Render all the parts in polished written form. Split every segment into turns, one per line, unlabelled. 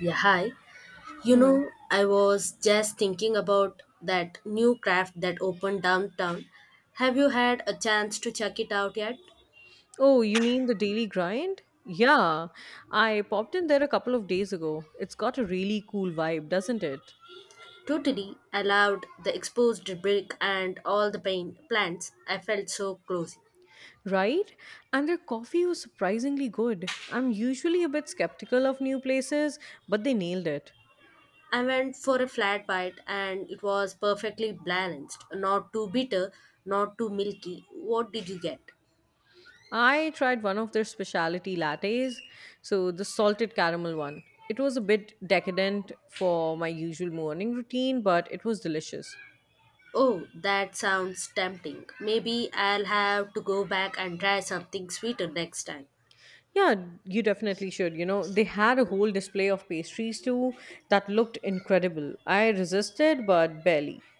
Yeah, hi. You
Hello.
know, I was just thinking about that new craft that opened downtown. Have you had a chance to check it out yet?
Oh, you mean the Daily Grind? Yeah, I popped in there a couple of days ago. It's got a really cool vibe, doesn't it?
Totally. I loved the exposed brick and all the paint plants. I felt so close.
Right? And their coffee was surprisingly good. I'm usually a bit skeptical of new places, but they nailed it.
I went for a flat bite and it was perfectly balanced. Not too bitter, not too milky. What did you get?
I tried one of their specialty lattes, so the salted caramel one. It was a bit decadent for my usual morning routine, but it was delicious.
Oh, that sounds tempting. Maybe I'll have to go back and try something sweeter next time.
Yeah, you definitely should. They had a whole display of pastries too that looked incredible. I resisted, but barely.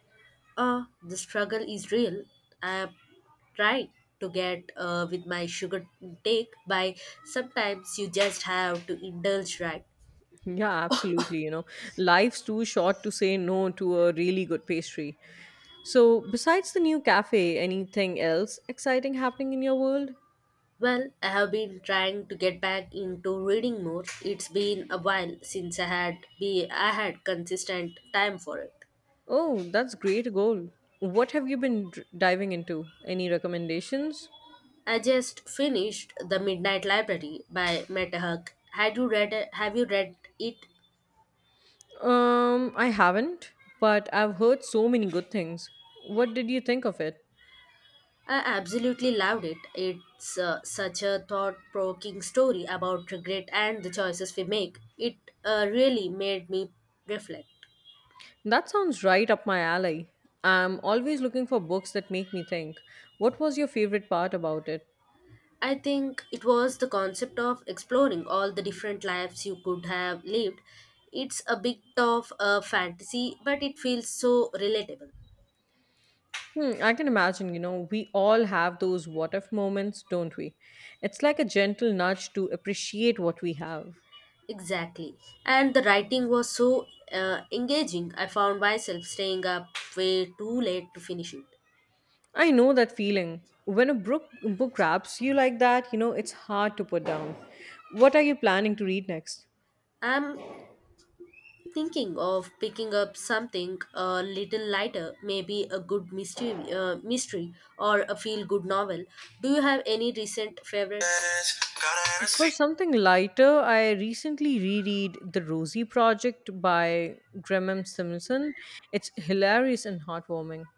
The struggle is real. I have tried to get with my sugar intake by sometimes you just have to indulge, right?
Yeah, absolutely. Life's too short to say no to a really good pastry. So, besides the new cafe, anything else exciting happening in your world?
Well, I have been trying to get back into reading more. It's been a while since I had consistent time for it.
Oh, that's great goal. What have you been diving into? Any recommendations?
I just finished The Midnight Library by Meta Huck. Had you read it? Have you read it?
I haven't, but I've heard so many good things. What did you think of it?
I absolutely loved it. It's such a thought provoking story about regret and the choices we make. It really made me reflect.
That sounds right up my alley. I'm always looking for books that make me think. What was your favorite part about it?
I think it was the concept of exploring all the different lives you could have lived. It's a bit of a fantasy, but it feels so relatable.
Hmm, I can imagine, we all have those what if moments, don't we? It's like a gentle nudge to appreciate what we have.
Exactly. And the writing was so engaging, I found myself staying up way too late to finish it.
I know that feeling. When a book grabs you like that, it's hard to put down. What are you planning to read next?
I'm Thinking of picking up something a little lighter, maybe a good mystery, mystery or a feel good novel. Do you have any recent favorites? Got a Hennessy.
For something lighter, I recently reread The Rosie Project by Graham Simpson. It's hilarious and heartwarming.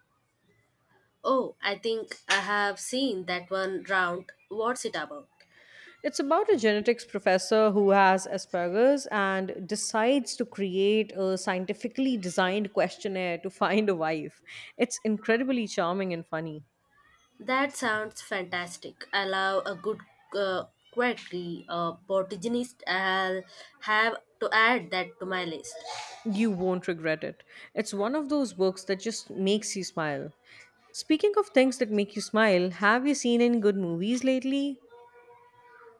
Oh, I think I have seen that one round. What's it about?
It's about a genetics professor who has Asperger's and decides to create a scientifically designed questionnaire to find a wife. It's incredibly charming and funny.
That sounds fantastic. I love a good uh, quirky protagonist. I'll have to add that to my list.
You won't regret it. It's one of those books that just makes you smile. Speaking of things that make you smile, have you seen any good movies lately?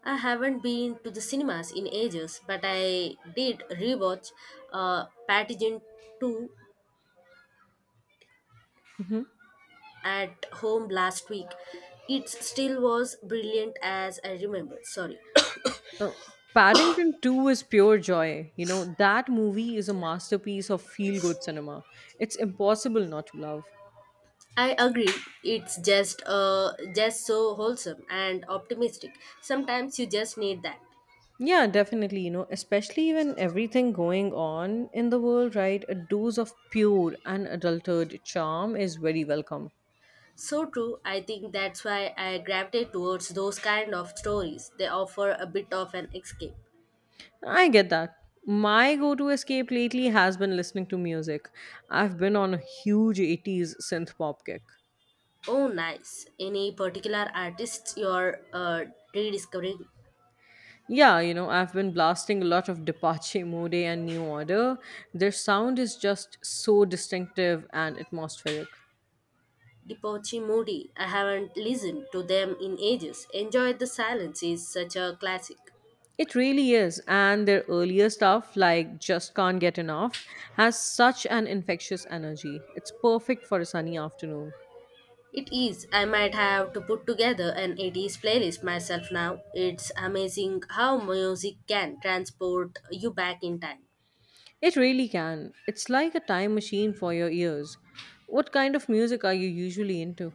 I haven't been to the cinemas in ages, but I did rewatch Pathogen 2
Hmm.
at home last week. It still was brilliant as I remember. Sorry.
Oh, Paddington 2 is pure joy. That movie is a masterpiece of feel good cinema. It's impossible not to love.
I agree. It's just so wholesome and optimistic. Sometimes you just need that.
Yeah, definitely. Especially when everything going on in the world, right? A dose of pure and adulterated charm is very welcome.
So true. I think that's why I gravitate towards those kind of stories. They offer a bit of an escape.
I get that. My go to escape lately has been listening to music. I've been on a huge 80s synth pop kick.
Oh, nice. Any particular artists you're rediscovering?
Yeah, I've been blasting a lot of Depache Mode and New Order. Their sound is just so distinctive and atmospheric.
Depoche Moody. I haven't listened to them in ages. Enjoy the Silence is such a classic.
It really is, and their earlier stuff, like Just Can't Get Enough, has such an infectious energy. It's perfect for a sunny afternoon.
It is. I might have to put together an 80s playlist myself now. It's amazing how music can transport you back in time.
It really can. It's like a time machine for your ears. What kind of music are you usually into?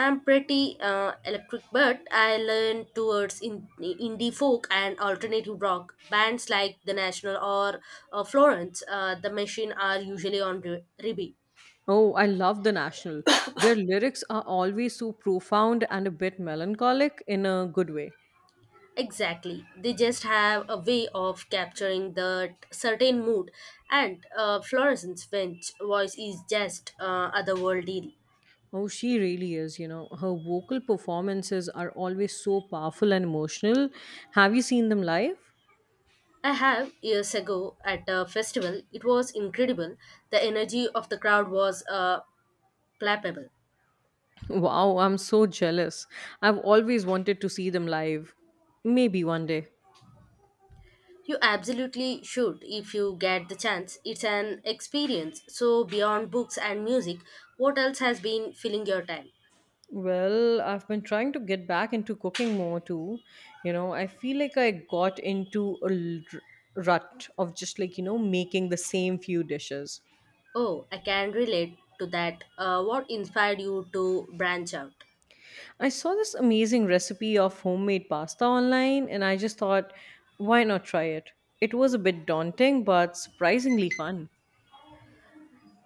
I'm pretty electric, but I lean towards indie folk and alternative rock. Bands like The National or Florence, The Machine are usually on repeat.
Oh, I love The National. Their lyrics are always so profound and a bit melancholic in a good way.
Exactly. They just have a way of capturing that certain mood, and Florence's French voice is just otherworldly.
Oh, she really is. Her vocal performances are always so powerful and emotional. Have you seen them live?
I have years ago at a festival. It was incredible. The energy of the crowd was palpable.
Wow, I'm so jealous. I've always wanted to see them live. Maybe one day.
You absolutely should if you get the chance. It's an experience. So, beyond books and music, what else has been filling your time?
Well, I've been trying to get back into cooking more too. I feel like I got into a rut of just like, making the same few dishes.
Oh, I can relate to that. What inspired you to branch out?
I saw this amazing recipe of homemade pasta online and I just thought, why not try it? It was a bit daunting, but surprisingly fun.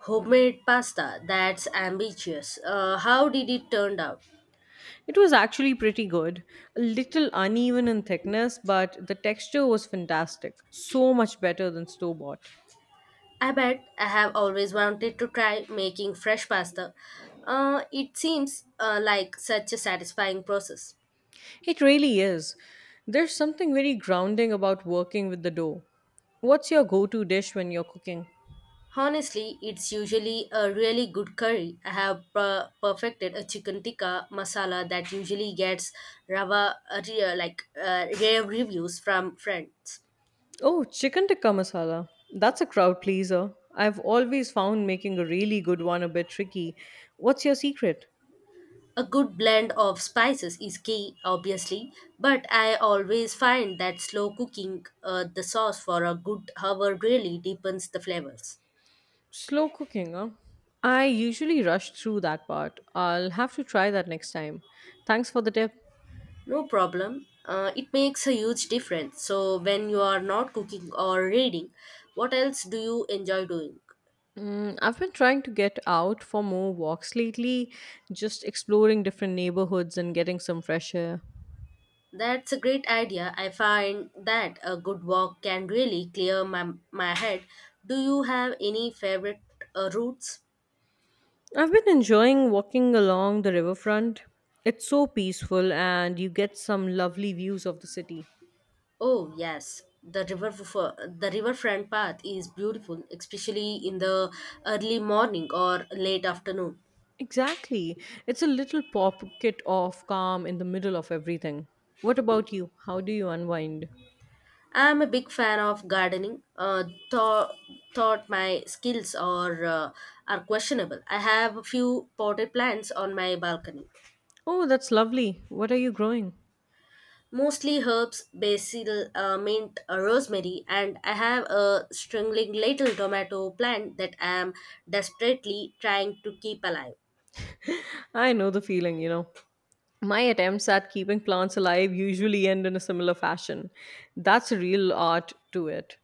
Homemade pasta, that's ambitious. How did it turn out?
It was actually pretty good. A little uneven in thickness, but the texture was fantastic. So much better than store bought.
I bet I have always wanted to try making fresh pasta. It seems like such a satisfying process.
It really is. There's something very grounding about working with the dough. What's your go to dish when you're cooking?
Honestly, it's usually a really good curry. I have perfected a chicken tikka masala that usually gets rava re- like rare reviews from friends.
Oh, chicken tikka masala. That's a crowd pleaser. I've always found making a really good one a bit tricky. What's your secret?
A good blend of spices is key, obviously, but I always find that slow cooking the sauce for a good hour really deepens the flavors.
Slow cooking, huh? I usually rush through that part. I'll have to try that next time. Thanks for the tip.
No problem. It makes a huge difference. So when you are not cooking or reading, what else do you enjoy doing?
Mm, I've been trying to get out for more walks lately, just exploring different neighborhoods and getting some fresh air.
That's a great idea. I find that a good walk can really clear my head. Do you have any favorite routes?
I've been enjoying walking along the riverfront. It's so peaceful, and you get some lovely views of the city.
Oh, yes. The riverfront path is beautiful, especially in the early morning or late afternoon.
Exactly. It's a little pocket of calm in the middle of everything. What about you? How do you unwind?
I'm a big fan of gardening. Thought, thought my skills are questionable. I have a few potted plants on my balcony.
Oh, that's lovely. What are you growing?
Mostly herbs, basil, mint, rosemary, and I have a struggling little tomato plant that I am desperately trying to keep alive.
I know the feeling, My attempts at keeping plants alive usually end in a similar fashion. That's a real art to it.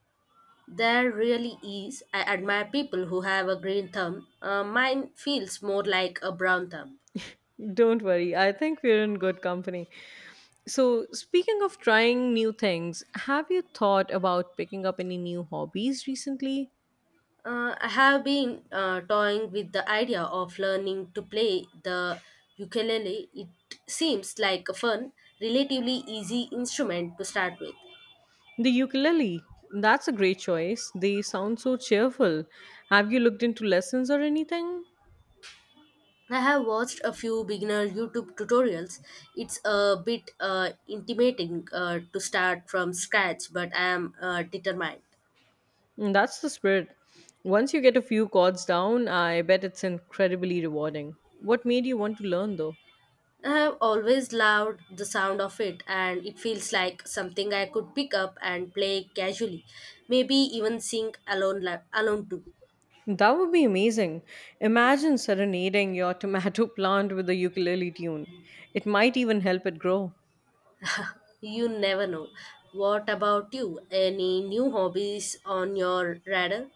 There really is. I admire people who have a green thumb. Mine feels more like a brown thumb.
Don't worry, I think we're in good company. So, speaking of trying new things, have you thought about picking up any new hobbies recently?
I have been toying with the idea of learning to play the ukulele. It seems like a fun, relatively easy instrument to start with.
The ukulele. That's a great choice. They sound so cheerful. Have you looked into lessons or anything?
I have watched a few beginner YouTube tutorials. It's a bit intimidating to start from scratch, but I am determined.
Mm, that's the spirit. Once you get a few chords down, I bet it's incredibly rewarding. What made you want to learn though?
I have always loved the sound of it, and it feels like something I could pick up and play casually, maybe even sing alone, alone too.
That would be amazing. Imagine serenading your tomato plant with a ukulele tune. It might even help it grow.
You never know. What about you? Any new hobbies on your radar?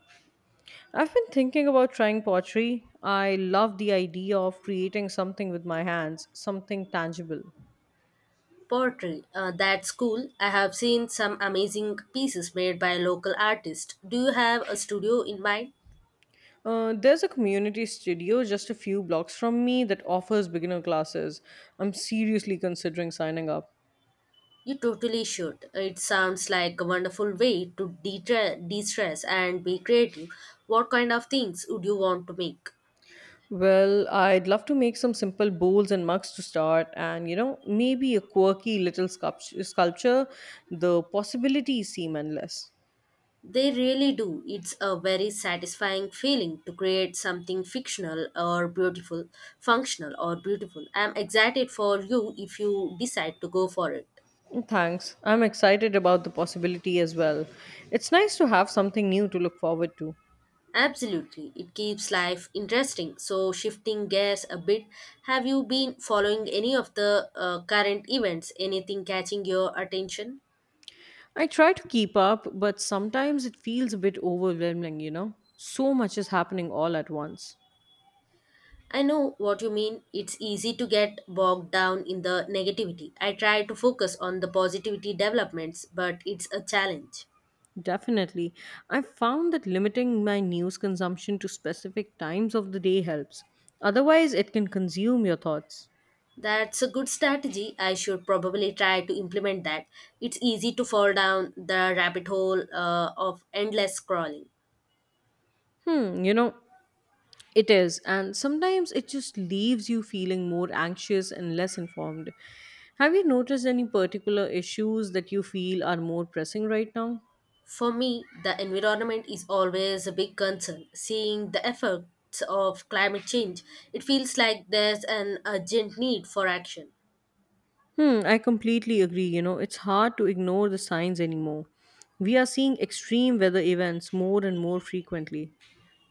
I've been thinking about trying pottery. I love the idea of creating something with my hands, something tangible.
Pottery. That's cool. I have seen some amazing pieces made by local artists. Do you have a studio in mind?
There's a community studio just a few blocks from me that offers beginner classes. I'm seriously considering signing up.
You totally should. It sounds like a wonderful way to de-stress and be creative. What kind of things would you want to make?
Well, I'd love to make some simple bowls and mugs to start, and maybe a quirky little sculpture. The possibilities seem endless.
They really do. It's a very satisfying feeling to create something functional or beautiful. I'm excited for you if you decide to go for it.
Thanks. I'm excited about the possibility as well. It's nice to have something new to look forward to.
Absolutely, it keeps life interesting. So, shifting gears a bit, have you been following any of the current events? Anything catching your attention?
I try to keep up, but sometimes it feels a bit overwhelming, you know? So much is happening all at once.
I know what you mean. It's easy to get bogged down in the negativity. I try to focus on the positivity developments, but it's a challenge.
Definitely. I've found that limiting my news consumption to specific times of the day helps. Otherwise, it can consume your thoughts.
That's a good strategy. I should probably try to implement that. It's easy to fall down the rabbit hole of endless scrolling.
Hmm, it is. And sometimes it just leaves you feeling more anxious and less informed. Have you noticed any particular issues that you feel are more pressing right now?
For me, the environment is always a big concern. Seeing the effects of climate change, it feels like there's an urgent need for action.
Hmm, I completely agree. It's hard to ignore the signs anymore. We are seeing extreme weather events more and more frequently.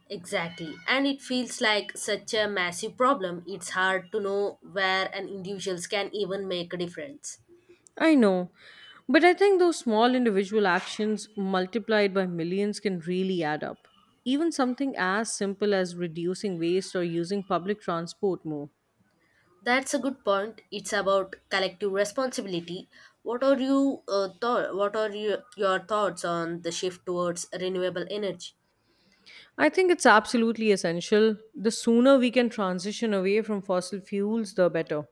Exactly. And it feels like such a massive problem, it's hard to know where an individuals can even make a difference.
I know. But I think those small individual actions multiplied by millions can really add up. Even something as simple as reducing waste or using public transport more.
That's a good point. It's about collective responsibility. What are you, your thoughts on the shift towards renewable energy?
I think it's absolutely essential. The sooner we can transition away from fossil fuels, the better.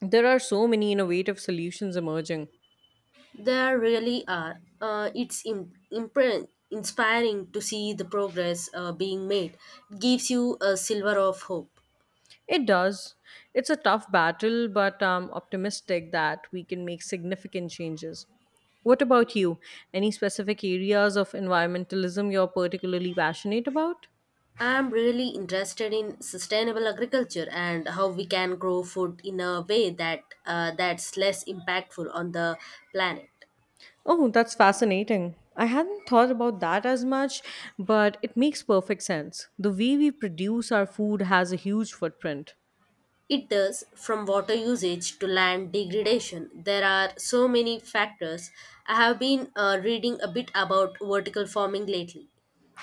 There are so many innovative solutions emerging.
There really are. It's inspiring to see the progress being made. It gives you a silver of hope.
It does. It's a tough battle, but I'm optimistic that we can make significant changes. What about you? Any specific areas of environmentalism you're particularly passionate about?
I'm really interested in sustainable agriculture and how we can grow food in a way that that's less impactful on the planet.
Oh, that's fascinating. I hadn't thought about that as much, but it makes perfect sense. The way we produce our food has a huge footprint.
It does from water usage to land degradation. There are so many factors. I have been reading a bit about vertical farming lately.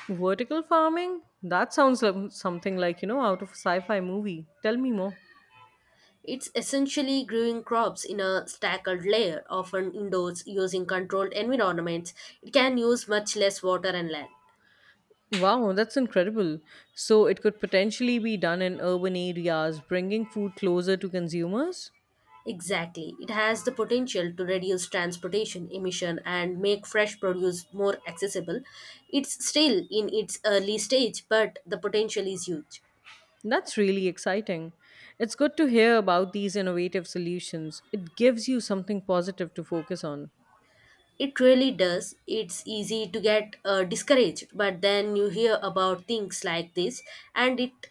Vertical farming? That sounds like something like, out of a sci fi movie. Tell me more.
It's essentially growing crops in a staggered layer, often indoors using controlled environments. It can use much less water and land.
Wow, that's incredible. So it could potentially be done in urban areas, bringing food closer to consumers?
Exactly. It has the potential to reduce transportation emission and make fresh produce more accessible. It's still in its early stage, but the potential is huge.
That's really exciting. It's good to hear about these innovative solutions. It gives you something positive to focus on.
It really does. It's easy to get discouraged, but then you hear about things like this and it.